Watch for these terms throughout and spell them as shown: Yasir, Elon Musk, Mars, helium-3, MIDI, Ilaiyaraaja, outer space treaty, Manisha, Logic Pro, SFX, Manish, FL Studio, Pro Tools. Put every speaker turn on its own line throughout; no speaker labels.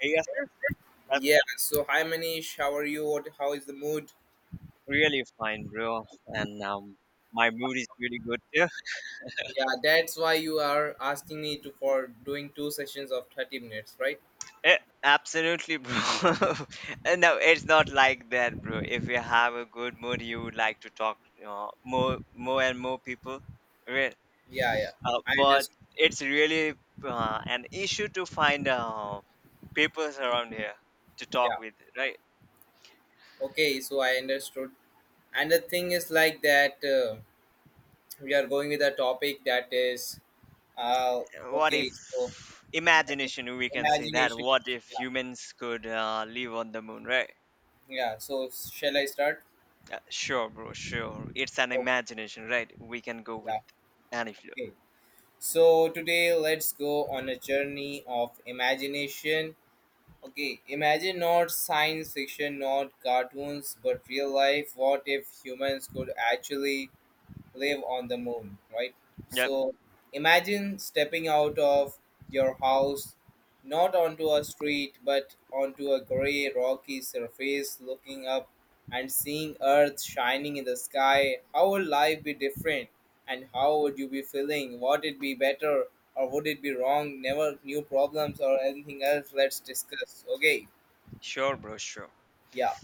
Hey Yasser, welcome.
Yeah, so hi Manish, how are you? How is the mood?
Really fine, bro. And my mood is really good too.
Yeah, that's why you are asking me to for doing two sessions of 30 minutes, right?
Eh, absolutely, bro. And no, it's not like that, bro. If you have a good mood, you would like to talk more and more people, right?
Yeah, yeah. I
But
just.
it's really an issue to find people around here to
Yeah.
talk with, right?
Okay, so I understood. And the thing is like that we are going with a topic that is uh
What
okay,
if
so that is
imagination? We can say that.
imagination.
What if
Yeah.
humans could live on the moon, right?
Yeah, so shall I start?
Sure, bro, sure. It's an
Okay.
imagination, right? We can go with
Yeah.
any flow.
Okay. So today let's go on a journey of imagination. Okay, imagine not science fiction, not cartoons, but real life. What if humans could actually live on the moon, right?
Yep,
So imagine stepping out of your house, not onto a street, but onto a gray, rocky surface, looking up and seeing Earth shining in the sky. How would life be different? And how would you be feeling? Would it be better or would it be wrong? Never new problems or anything else. Let's discuss. Okay.
sure, bro, sure.
Yeah.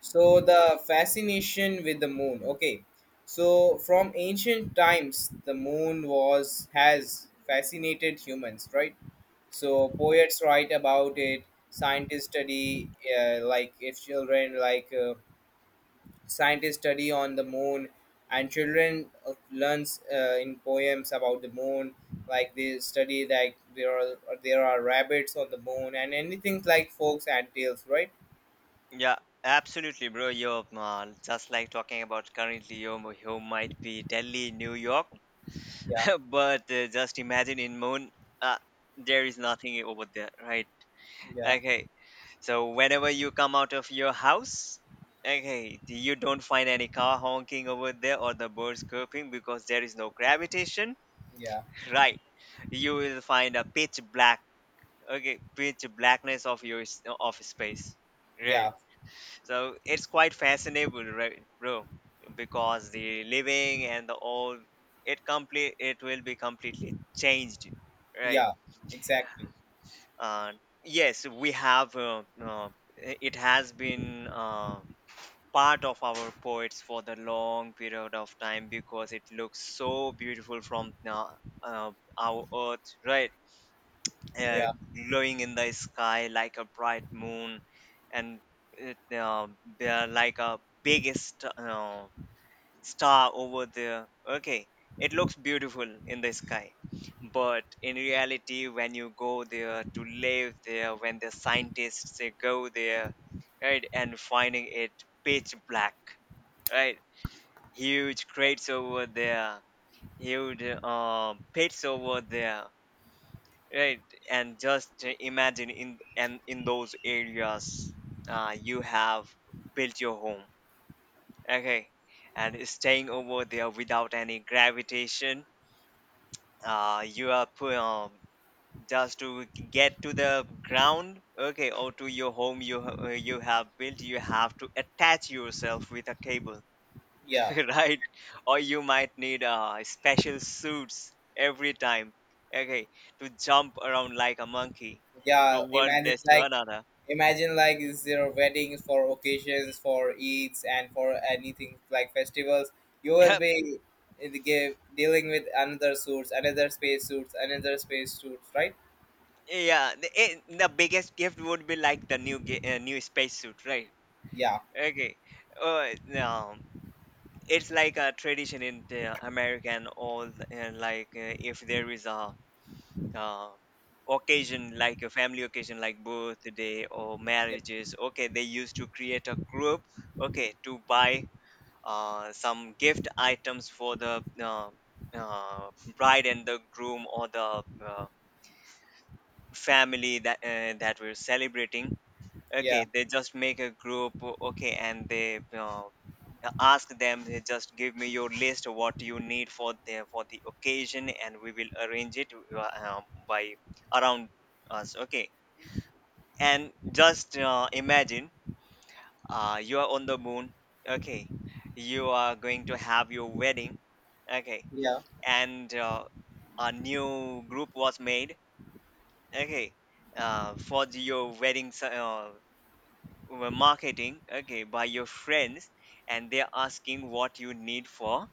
So the fascination with the moon. Okay. So from ancient times the moon was has fascinated humans, right? So poets write about it, scientists study, like if children like, scientists study on the moon, and children learns in poems about the moon, like they study that there are rabbits on the moon and anything like folks and tales, right?
Yeah, absolutely, bro. You're just like talking about currently, you might be Delhi, New York,
Yeah.
but just imagine in moon, uh, there is nothing over there, right?
Yeah.
Okay, so whenever you come out of your house, okay, you don't find any car honking over there or the birds chirping because there is no gravitation,
Yeah.
right? You will find a pitch black, okay, pitch blackness of of space,
Yeah.
right. So it's quite fascinating, right, bro? Because the living and the old, it will be completely changed, right.
Yeah, exactly.
uh, yes, we have it has been part of our poets for the long period of time because it looks so beautiful from uh, our earth, right. uh,
Yeah,
Glowing in the sky like a bright moon. And it, uh, they're like a biggest star over there, okay. It looks beautiful in the sky, but in reality, when you go there to live there, when the scientists, they go there, right, and finding it pitch black, right, huge crates over there, huge pits over there. Right, and just imagine in those areas, you have built your home, okay, and staying over there without any gravitation. Uh, you are pu- um, just to get to the ground, okay, or to your home you have built. You have to attach yourself with a cable,
yeah,
right? Or you might need special suits every time, okay, to jump around like a monkey
yeah.
from one
Imagine
place to
like
another.
imagine like is there weddings for occasions, for Eids, and for anything like festivals. You will
Yep.
be in the game dealing with another suits, another space suits, another space suits, right?
Yeah. The biggest gift would be like the new spacesuit, right?
Yeah,
Okay. No, it's like a tradition in the American all if there is a uh, occasion, like a family occasion, like birthday or
yeah,
marriages, okay, they used to create a group, okay, to buy some gift items for the uh, bride and the groom, or the family that we're celebrating.
yeah,
Okay, they just make a group, okay, and they ask them. They just give me your list of what you need for the occasion, and we will arrange it by around us. Okay, and just imagine you are on the moon. Okay, you are going to have your wedding. Okay,
yeah,
and a new group was made. Okay, your wedding, were marketing, okay, by your friends, and they're asking what you need for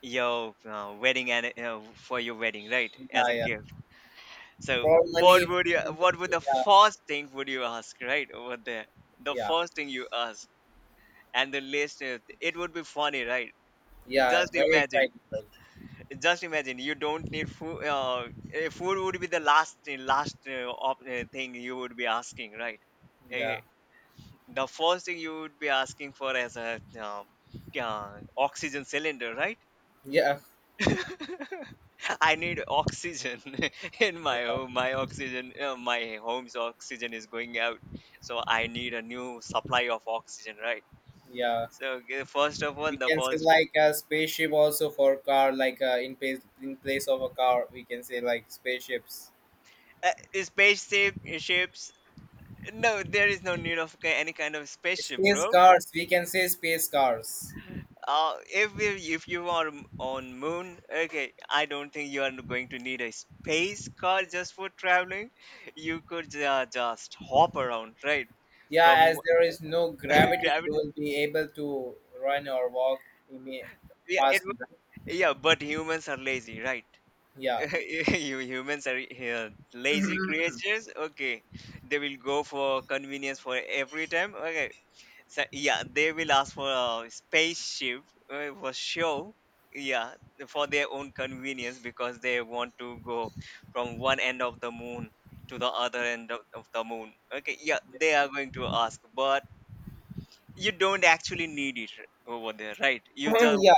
your wedding, and for your wedding, right, as
yeah.
a
Yeah.
gift. So what would you,
For money,
what would the
yeah,
first thing would you ask, right, over there, the
yeah,
first thing you ask, and the list, it would be funny, right?
yeah.
Just
Very
imagine,
exciting, right?
just imagine, you don't need food, food would be the last thing you would be asking, right? Eh,
Yeah,
the first thing you would be asking for as a yeah, oxygen cylinder, right?
yeah,
I need oxygen in my
yeah.
home. My oxygen, my home's oxygen is going out, so I need a new supply of oxygen, right?
Yeah.
So first of all,
We
the
can say
first
like a spaceship also for car, like, in place of a car we can say like spaceships.
uh, spaceship ships. No, there is no need of any kind of spaceship,
Space
bro.
cars, we can say space cars.
If you, if you are on moon, okay, I don't think you are going to need a space car just for traveling. You could just hop around, right?
Yeah,
From
as there is no gravity you
gravity.
will be able to run or walk in a
Yeah,
fast.
yeah, but humans are lazy, right?
Yeah.
You humans are lazy creatures. Okay, they will go for convenience for every time. Okay, so, yeah, they will ask for a spaceship for show. Yeah, for their own convenience, because they want to go from one end of the moon to the other end of the moon. Okay, yeah, they are going to ask, but you don't actually need it over there, right? You just
Yeah.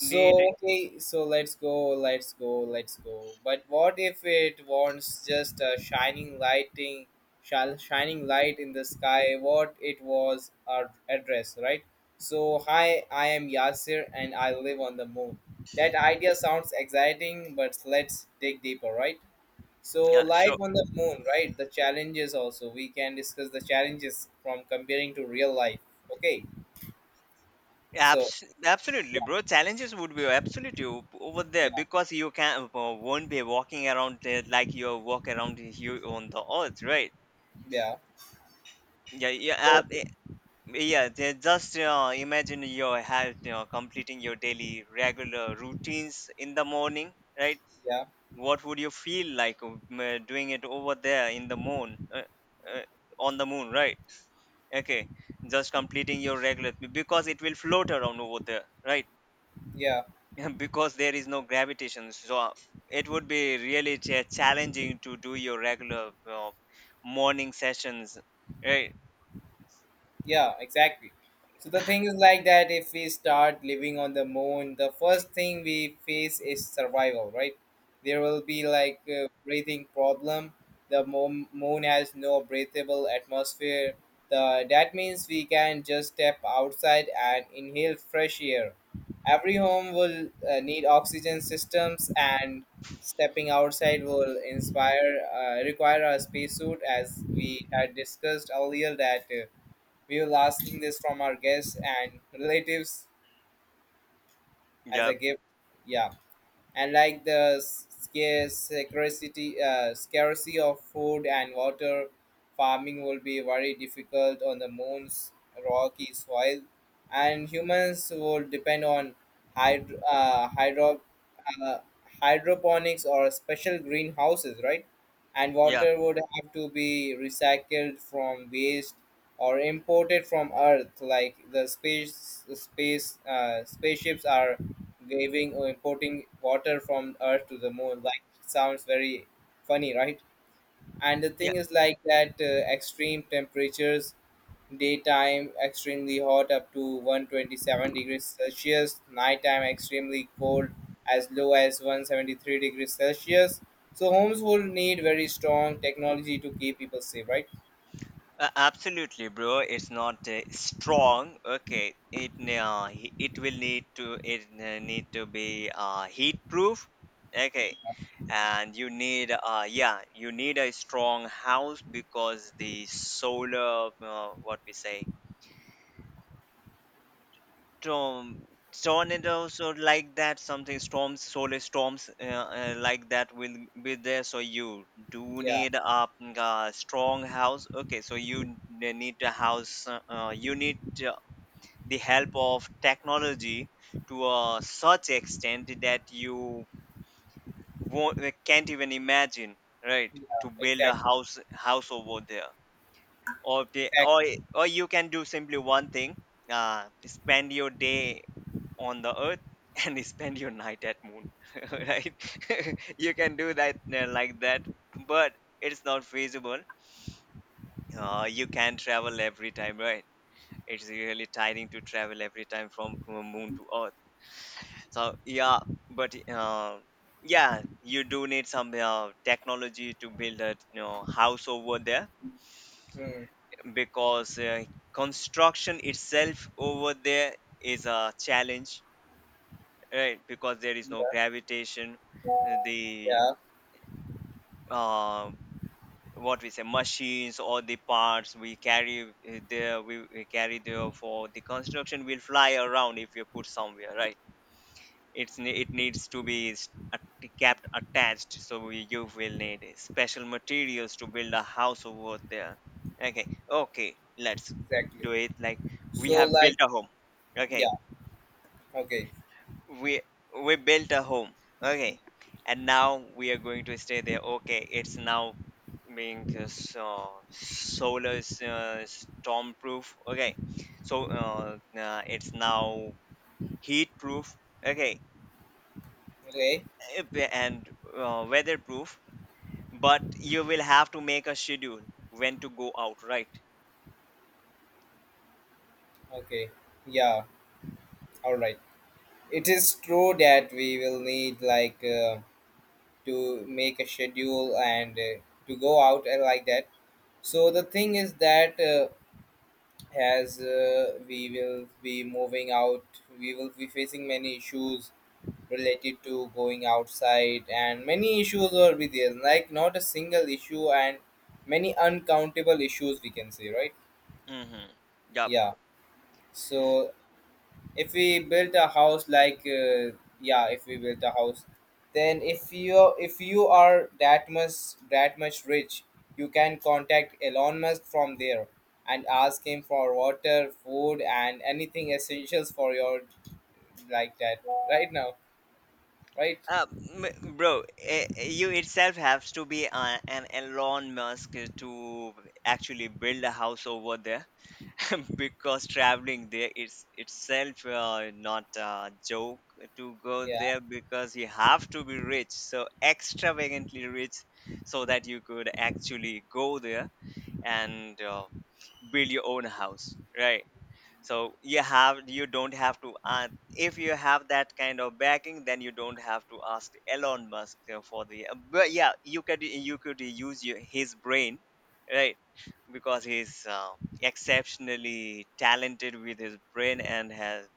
need,
okay, so let's go, let's go, let's go. But what if it wants just a shining lighting, shall shining light in the sky? What it was our address, right? So hi, I am Yasir, and I live on the moon. That idea sounds exciting, but let's dig deeper, right? So
yeah,
life
sure.
on the moon, right? The challenges also. We can discuss the challenges from comparing to real life. Okay. So
Absolutely,
yeah,
bro. Challenges would be absolutely over
yeah,
there, because you can won't be walking around there like you walk around here on the earth, right?
yeah.
Yeah, yeah,
So,
Yeah, they just imagine your health, you know, completing your daily regular routines in the morning, right?
yeah,
What would you feel like doing it over there in the moon, uh, on the moon, right? Okay, just completing your regular, because it will float around over there, right?
yeah,
Because there is no gravitation, so it would be really challenging to do your regular morning sessions, right?
yeah, exactly. So the thing is like that if we start living on the moon, the first thing we face is survival, right? There will be like a breathing problem. The moon has no breathable atmosphere. That means we can just step outside and inhale fresh air. Every home will need oxygen systems, and stepping outside will inspire require a spacesuit, as we had discussed earlier that we were asking this from our guests and relatives as a
Yep.
gift. Yeah. And like the scarce scarcity scarcity of food and water. Farming will be very difficult on the moon's rocky soil, and humans will depend on hydro, uh, hydro uh, hydroponics or special greenhouses, right? And
Yeah.
water would have to be recycled from waste or imported from Earth, like the spaceships are graving or importing water from Earth to the moon, like, sounds very funny, right? And the
Yeah.
thing is like that, extreme temperatures: daytime extremely hot, up to 127 degrees celsius; nighttime extremely cold, as low as 173 degrees celsius. So homes will need very strong technology to keep people safe, right?
Absolutely, bro. It's not strong. Okay, it it will need to, it need to be heat proof. Okay, and you need, uh, yeah, you need a strong house, because the solar, what we say, storm, tornadoes or like that, something storms, solar storms, like that will be there. So you do
Yeah.
need a, a strong house. Okay, so you need a house. You need uh, the help of technology to such extent that you won't, can't even imagine, right?
Yeah,
To build a
exactly.
house over there, or
Exactly.
or you can do simply one thing, spend your day on the earth and spend your night at moon. Right, you can do that, like that, but it's not feasible. You can travel every time, right? It's really tiring to travel every time from moon to earth. So yeah, but yeah, you do need some technology to build a, you know, house over there,
Hmm.
because construction itself over there is a challenge, right? Because there is no
Yeah.
gravitation. The
Yeah,
uh, what we say, machines or the parts we carry there, we carry there for the construction, will fly around if you put somewhere, right? It needs to be kept attached, so you will need special materials to build a house over there, okay. Okay, let's
exactly.
do it like, we
So,
have
like,
built a home, okay.
yeah. Okay.
We we built a home, okay, and now we are going to stay there, okay. It's now being, so solar, storm proof, okay. So, it's now heat proof, okay.
Okay.
And weather proof. But you will have to make a schedule when to go out, right.
Okay. Yeah. All right. It is true that we will need like, to make a schedule and, to go out and like that. So the thing is that as we will be moving out, we will be facing many issues related to going outside, and many issues will be there. Like not a single issue, and many uncountable issues we can say, right?
Mm-hmm. Yep.
Yeah. So if we built a house like, yeah if we built a house, then if you, if you are that much rich, you can contact Elon Musk from there and ask him for water, food, and anything essentials for your, like that, right now, right?
Uh, Bro, you itself have to be an Elon Musk to actually build a house over there, because traveling there is itself not a joke to go
Yeah,
there, because you have to be rich, so extravagantly rich, so that you could actually go there and build your own house, right? So you have, you don't have to, if you have that kind of backing, then you don't have to ask Elon Musk for the but yeah, you could use your, his brain, right. Because he's exceptionally talented with his brain, and has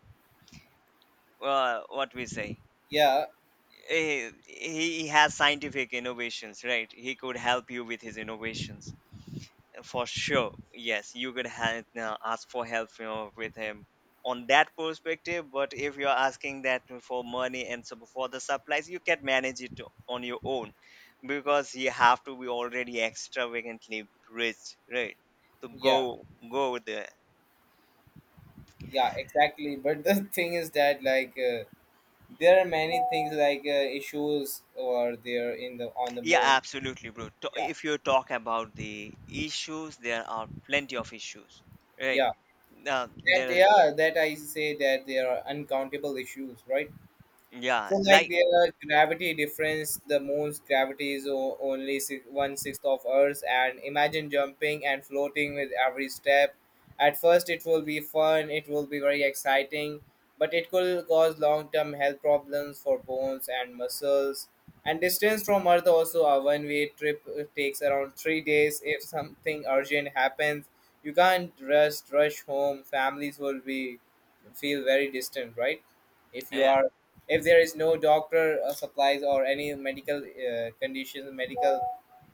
what we say
yeah,
eh, he has scientific innovations, right, he could help you with his innovations for sure. Yes, you could ask for help, you know, with him on that perspective, but if you're asking that for money and so for the supplies, you can manage it on your own, because you have to be already extravagantly rich, right, to
yeah,
go there.
yeah, exactly. But the, thing is that, like, there are many things like, issues over there in the, on the
Yeah,
moon.
absolutely, bro.
Yeah,
If you talk about the issues, there are plenty of issues, right.
yeah.
Now
That,
there,
yeah, that I say, that there are uncountable issues, right?
yeah,
So like
like,
their gravity difference, the moon's gravity is only one sixth of Earth's, and imagine jumping and floating with every step. At first, it will be fun, it will be very exciting, but it could cause long-term health problems for bones and muscles. And distance from Earth, also a one-way trip takes around 3 days. If something urgent happens, you can't rush home. Families will be feel very distant, right? If you
uh,
are, if there is no doctor supplies or any medical conditions, medical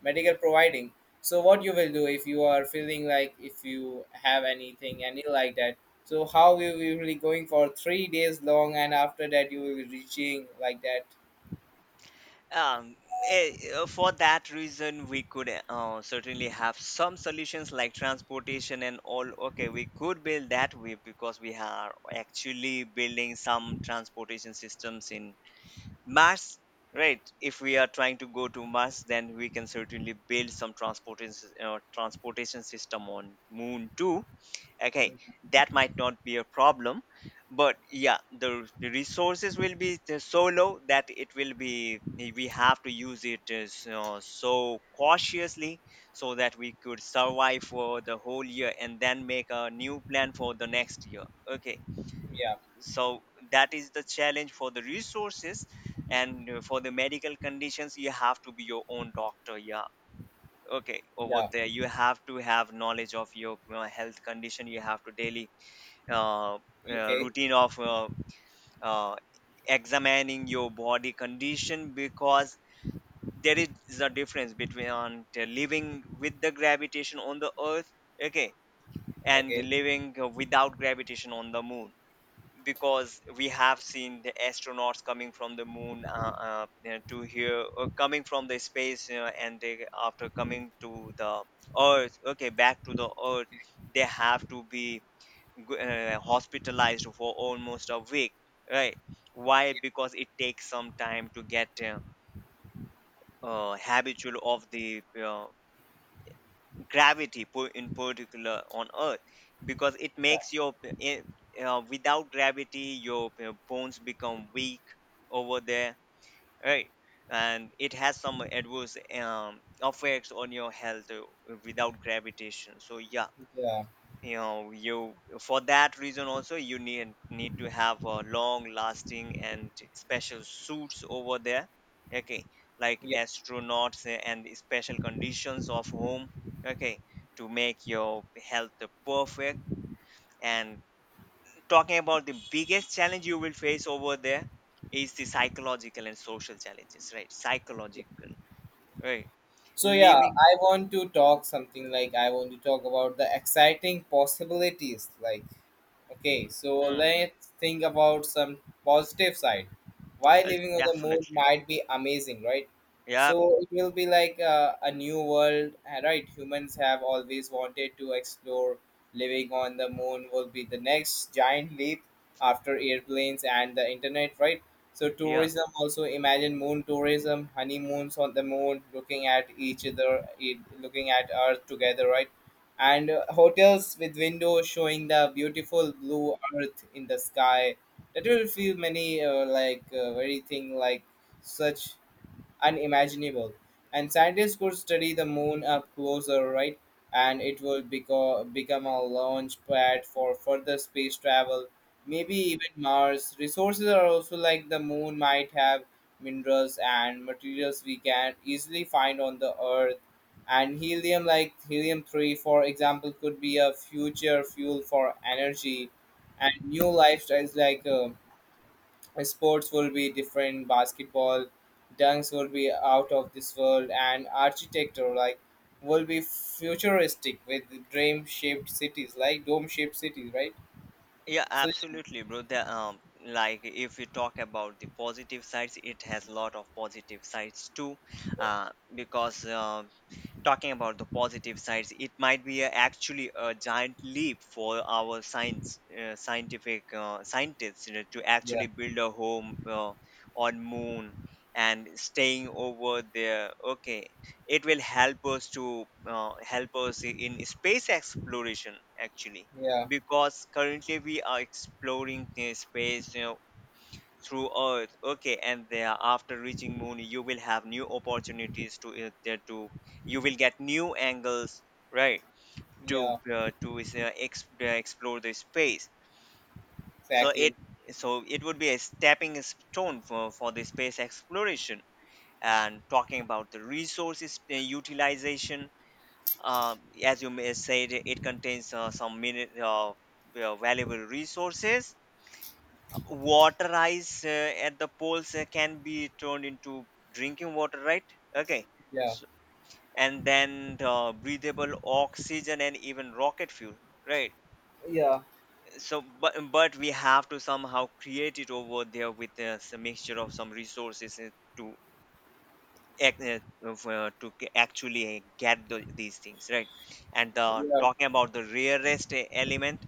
medical providing, so what you will do if you are feeling like, if you have anything, any, like that? So how you will be going for 3 days long, and after that you will be reaching, like that?
um, for that reason, we could certainly have some solutions like transportation and all. Okay, we could build that way, because we are actually building some transportation systems in Mars, right? If we are trying to go to Mars, then we can certainly build some transportation, transportation system on Moon too. Okay, that might not be a problem, but yeah, the resources will be so low that it will be we have to use it, so cautiously, so that we could survive for the whole year and then make a new plan for the next year. Okay,
Yeah.
so that is the challenge for the resources. And for the medical conditions you have to be your own doctor, yeah. Okay, over
Yeah.
there you have to have knowledge of your health condition. You have to daily uh,
Okay.
routine of uh, examining your body condition, because there is a difference between on the living with the gravitation on the earth, okay, and
Okay.
living without gravitation on the moon, because we have seen the astronauts coming from the moon, you know, to here, coming from the space, you know, and they after coming to the earth, okay, back to the earth they have to be hospitalized for almost a week, right? Why?
Yeah.
Because it takes some time to get habitual of the in particular on earth, because it
Yeah.
makes your without gravity your bones become weak over there, right? And it has some adverse effects on your health, without gravitation, so yeah,
Yeah,
you know you for that reason also you need to have a long lasting and special suits over there, okay, like
yeah.
astronauts and special conditions of home, okay, to make your health perfect. And talking about the biggest challenge you will face over there, is the psychological and social challenges, right?
Yeah.
Psychological, right?
So yeah,
Living.
I want to talk something like, I want to talk about the exciting possibilities, like, okay, so
Mhm.
let's think about some positive side. Why living on the moon
Definitely,
might be amazing, right?
yeah.
So it will be like, a new world, right? Humans have always wanted to explore. Living on the moon will be the next giant leap after airplanes and the internet, right? So
Yeah.
tourism also, imagine moon tourism, honeymoons on the moon, looking at each other, looking at Earth together, right? And hotels with windows showing the beautiful blue Earth in the sky, that will feel many, like, very thing like such, unimaginable. And scientists could study the moon up closer, right? And it would become a launch pad for further space travel, maybe even Mars. Resources are also, like, the moon might have minerals and materials we can easily find on the Earth. And helium, like helium 3, for example, could be a future fuel for energy. And new lifestyles, like, sports will be different, basketball dunks will be out of this world, and architecture like will be futuristic with dream shaped cities like dome shaped cities, right?
Yeah,
So
absolutely, bro. Like if we talk about the positive sides, it has lot of positive sides too, because talking about the positive sides, it might be actually a giant leap for our science scientific scientists, you know, to
yeah,
actually build a home on moon, and staying over there. Okay, it will help us to help us in space exploration actually,
yeah,
because currently we are exploring the space, you know, through Earth. Okay, and there after reaching Moon, you will have new opportunities to there to you will get new angles, right? To
yeah,
uh, to is, uh, ex- uh, explore the space. So
exactly.
it would be a stepping stone for the space exploration. And talking about the resources utilization, uh, as you may said, it contains some minute, valuable resources, water ice at the poles can be turned into drinking water, right? Okay,
Yeah,
so, and then the breathable oxygen and even rocket fuel, right?
yeah,
So, but we have to somehow create it over there with some mixture of some resources, to ac- actually get the, these things, right? And
yeah,
talking about the rarest element,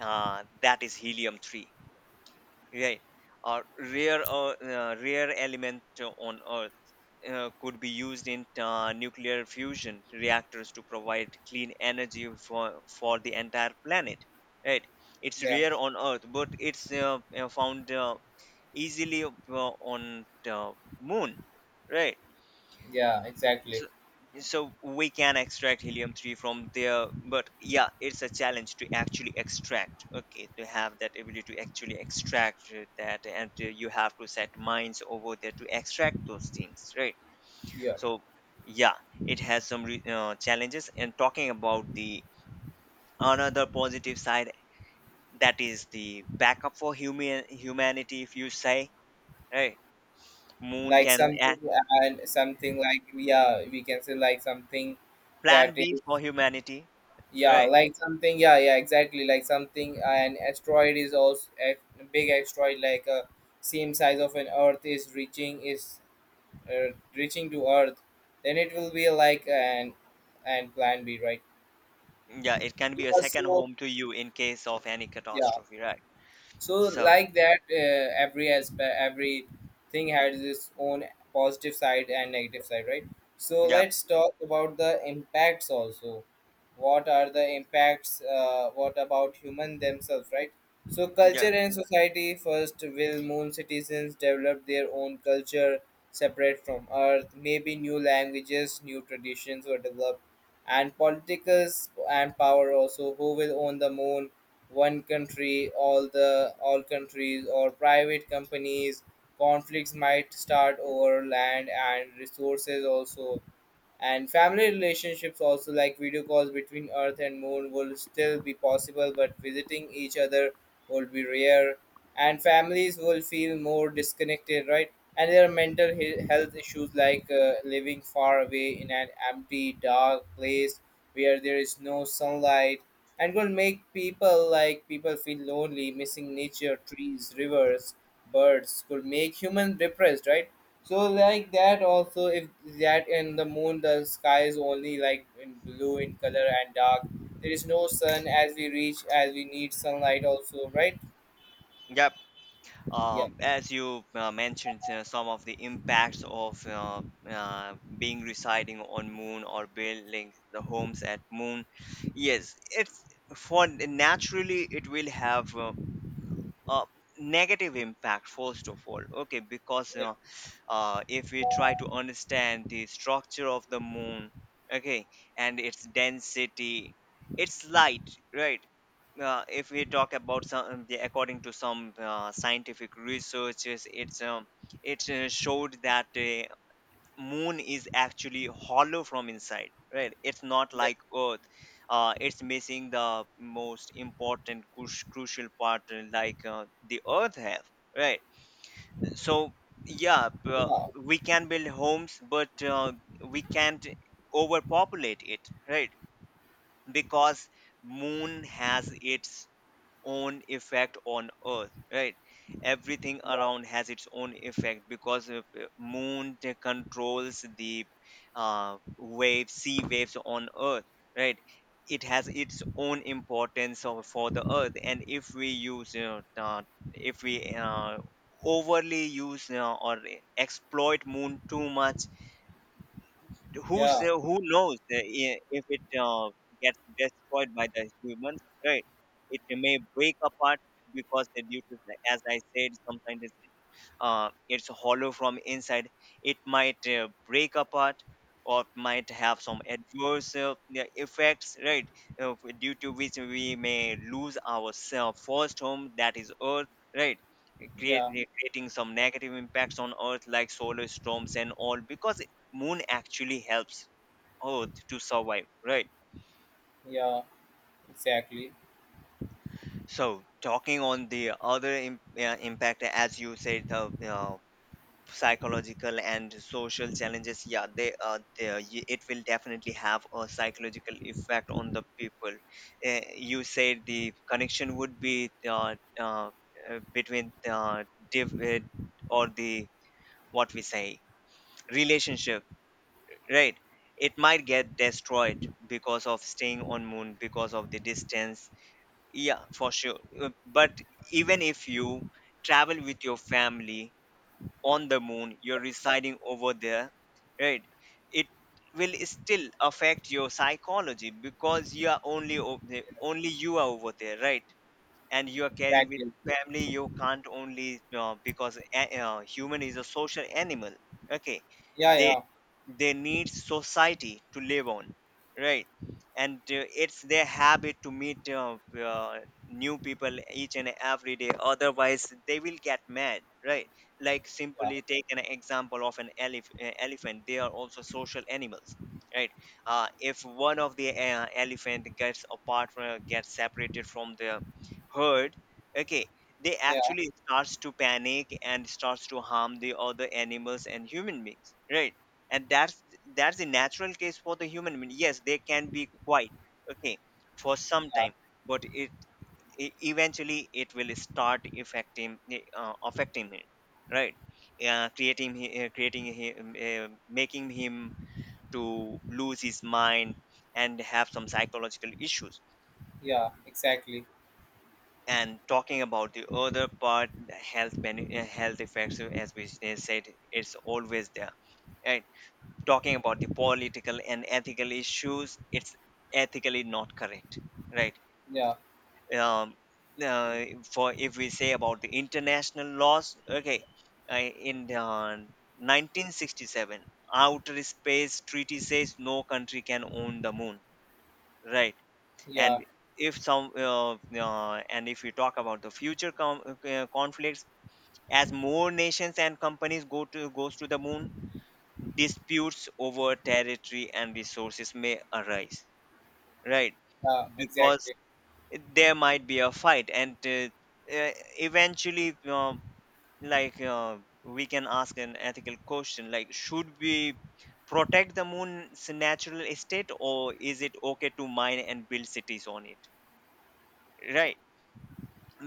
that is helium 3, right? Or rare, rare element on earth, could be used in nuclear fusion reactors to provide clean energy for the entire planet, right? It's
yeah,
rare on earth, but it's found easily on the moon, right?
yeah, exactly.
So, so we can extract helium-3 from there, but yeah, it's a challenge to actually extract. Okay, to have that ability to actually extract that, and you have to set mines over there to extract those things, right?
Yeah,
So yeah, it has some challenges. And talking about the another positive side, that is the backup for humanity, if you say, right? Moon
like
can
something.
act
And something like, yeah, we can say like something, that
plan B
is.
for humanity,
Yeah,
right?
like something. Yeah, yeah, exactly. Like something. An asteroid is also, a big asteroid, like a same size of an Earth, is reaching, is reaching to Earth. Then it will be like, an and plan B, right?
Yeah, it can
Yeah,
be a second
so
home to you in case of any
yeah.
catastrophe, right?
So
So,
like that, every aspect, every thing has its own positive side and negative side, right? So
yep,
let's talk about the impacts also. What are the impacts, what about human themselves, right? So culture
yep,
and society first, will moon citizens develop their own culture separate from Earth? Maybe new languages, new traditions were developed. And politicals and power also, who will own the moon? One country, all countries, or private companies? Conflicts might start over land and resources also. And family relationships also, like video calls between Earth and moon will still be possible, but visiting each other will be rare, and families will feel more disconnected, right? And there are mental health issues, like, living far away in an empty dark place where there is no sunlight, and will make people feel lonely, missing nature, trees, rivers, birds, could make human depressed, right? So like that also, if that in the moon the sky is only like in blue in color and dark. There is no sun, as we reach as we need sunlight also, right?
yep.
Yeah.
As you mentioned, some of the impacts of being residing on moon or building the homes at moon. Yes, it's for naturally it will have a negative impact first of all. Okay, because
Yeah.
if we try to understand the structure of the moon, okay, and its density, its light, right? If we talk about according to some scientific researches, it's it showed that the moon is actually hollow from inside, right? It's not
Yeah.
like earth. It's missing the most important crucial part, like the earth have, right? So yeah,
Yeah.
we can build homes, but we can't overpopulate it, right? Because moon has its own effect on earth, right? Everything around has its own effect, because moon controls the waves sea waves on earth, right? It has its own importance for the earth, and if we if we uh, overly use, or exploit moon too much,
Yeah.
who knows if it gets destroyed by the humans, right? It may break apart, because the due to as I said sometimes, it's hollow from inside, it might break apart or might have some adverse, yeah, effects, right? Due to which we may lose our self first home, that is earth, right?
Yeah.
Creating some negative impacts on earth like solar storms and all, because moon actually helps earth to survive, right?
Yeah, exactly.
So talking on the other impact, as you said, psychological and social challenges, yeah, they are there. It will definitely have a psychological effect on the people. You said the connection would be uh, between the div- or the, what we say, relationship, right? It might get destroyed because of staying on moon, because of the distance, yeah, for sure. But even if you travel with your family on the moon, you're residing over there, right? It will still affect your psychology, because you are only you are over there, right? And you are caring with
Exactly.
family, you can't only, because human is a social animal, okay,
Yeah.
they
Yeah.
they need society to live on, right? And it's their habit to meet uh, new people each and every day, otherwise they will get mad, right? Like
Yeah.
simply take an example of an elephant, they are also social animals, right? If one of the elephant gets separated from the hurt, okay, they
Yeah.
actually starts to panic and starts to harm the other animals and human beings, right? And that's the natural case for the human being, yes, they can be quiet, okay, for some
Yeah.
time, but eventually it will start affecting him, right? Eh, creating he- creating him Making him to lose his mind and have some psychological issues.
Yeah, exactly.
And talking about the other part, the health effects, as said, it's always there, right? Talking about the political and ethical issues, it's ethically not correct, right?
Yeah.
um, uh, for, if we say about the international laws, okay, in 1967 outer space treaty says no country can own the moon, right?
Yeah.
And if some and if we talk about the future conflicts, as more nations and companies go to goes to the moon, disputes over territory and resources may arise, right?
Yeah,
Because
exactly.
there might be a fight, and uh, eventually, we can ask an ethical question, like should we protect the moon's natural estate, or is it okay to mine and build cities on it, right?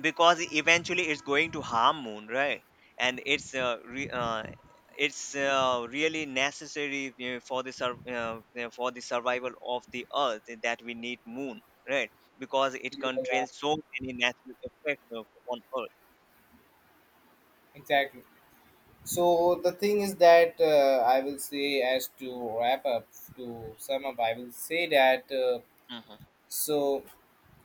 Because eventually it's going to harm moon, right? And it's really necessary, you for the survival of the earth, that we need moon, right? Because it
Yeah. Yeah,
controls so many natural effects on earth.
exactly. So the thing is that, I will say, as to sum up, I will say that,
Hmm.
so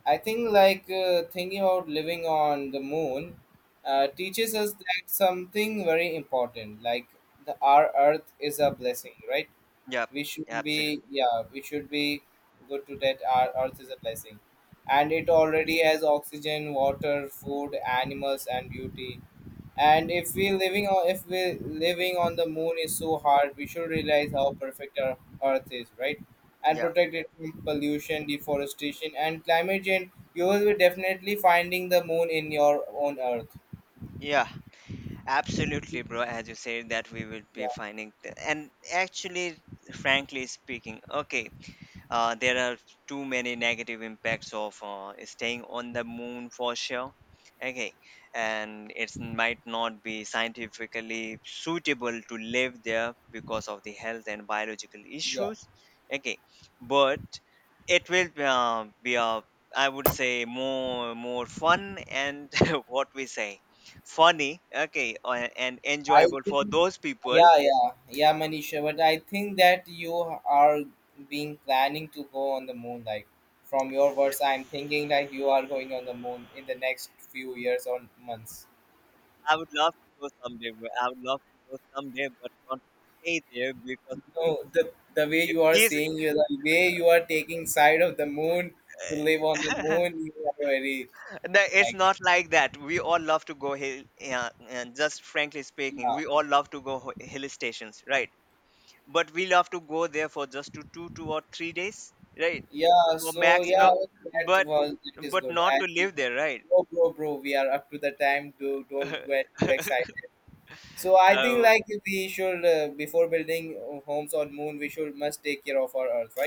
I think like, thinking about living on the moon teaches us that something very important, like, the our Earth is a blessing, right?
Yeah,
We should be,
absolutely.
yeah, we should be good to that, our Earth is a blessing, and it already has oxygen, water, food, animals, and beauty. And if we living on, if we living on the moon is so hard, we should realize how perfect our Earth is, right? And
Yeah,
protect it from pollution, deforestation, and climate change. You will be definitely finding the moon in your own Earth.
yeah, absolutely, bro, as you said, that we will be
Yeah,
finding and actually, frankly speaking, okay, there are too many negative impacts of staying on the moon for sure. Okay, and it might not be scientifically suitable to live there because of the health and biological
yeah.
issues. Okay, but it will be a, I would say, more fun and what we say, funny, okay, and
I
enjoyable for
think,
those people.
yeah, yeah, yeah, Manisha. But I think that you are being planning to go on the moon. Like from your words, I'm thinking like you are going on the moon in the next few years or months.
I would love to go someday, but not to stay there, because
No, the way
okay,
you are
please,
saying, you the way you are taking side of the moon, to live on the moon, you are very,
no, it's
like that.
not like that. We all love to go hill, yeah, and just frankly speaking,
Yeah.
we all love to go hill stations, right? But we love to go there for just to two, 2 or 3 days, right?
Yeah,
For
so yeah,
maximum,
well,
but
that is good.
not
As
to
we,
live there, right?
bro, bro, bro, we are up to the time, to don't get too excited. So I think like
So
we should, before building homes on moon, we should must take care of our Earth, right?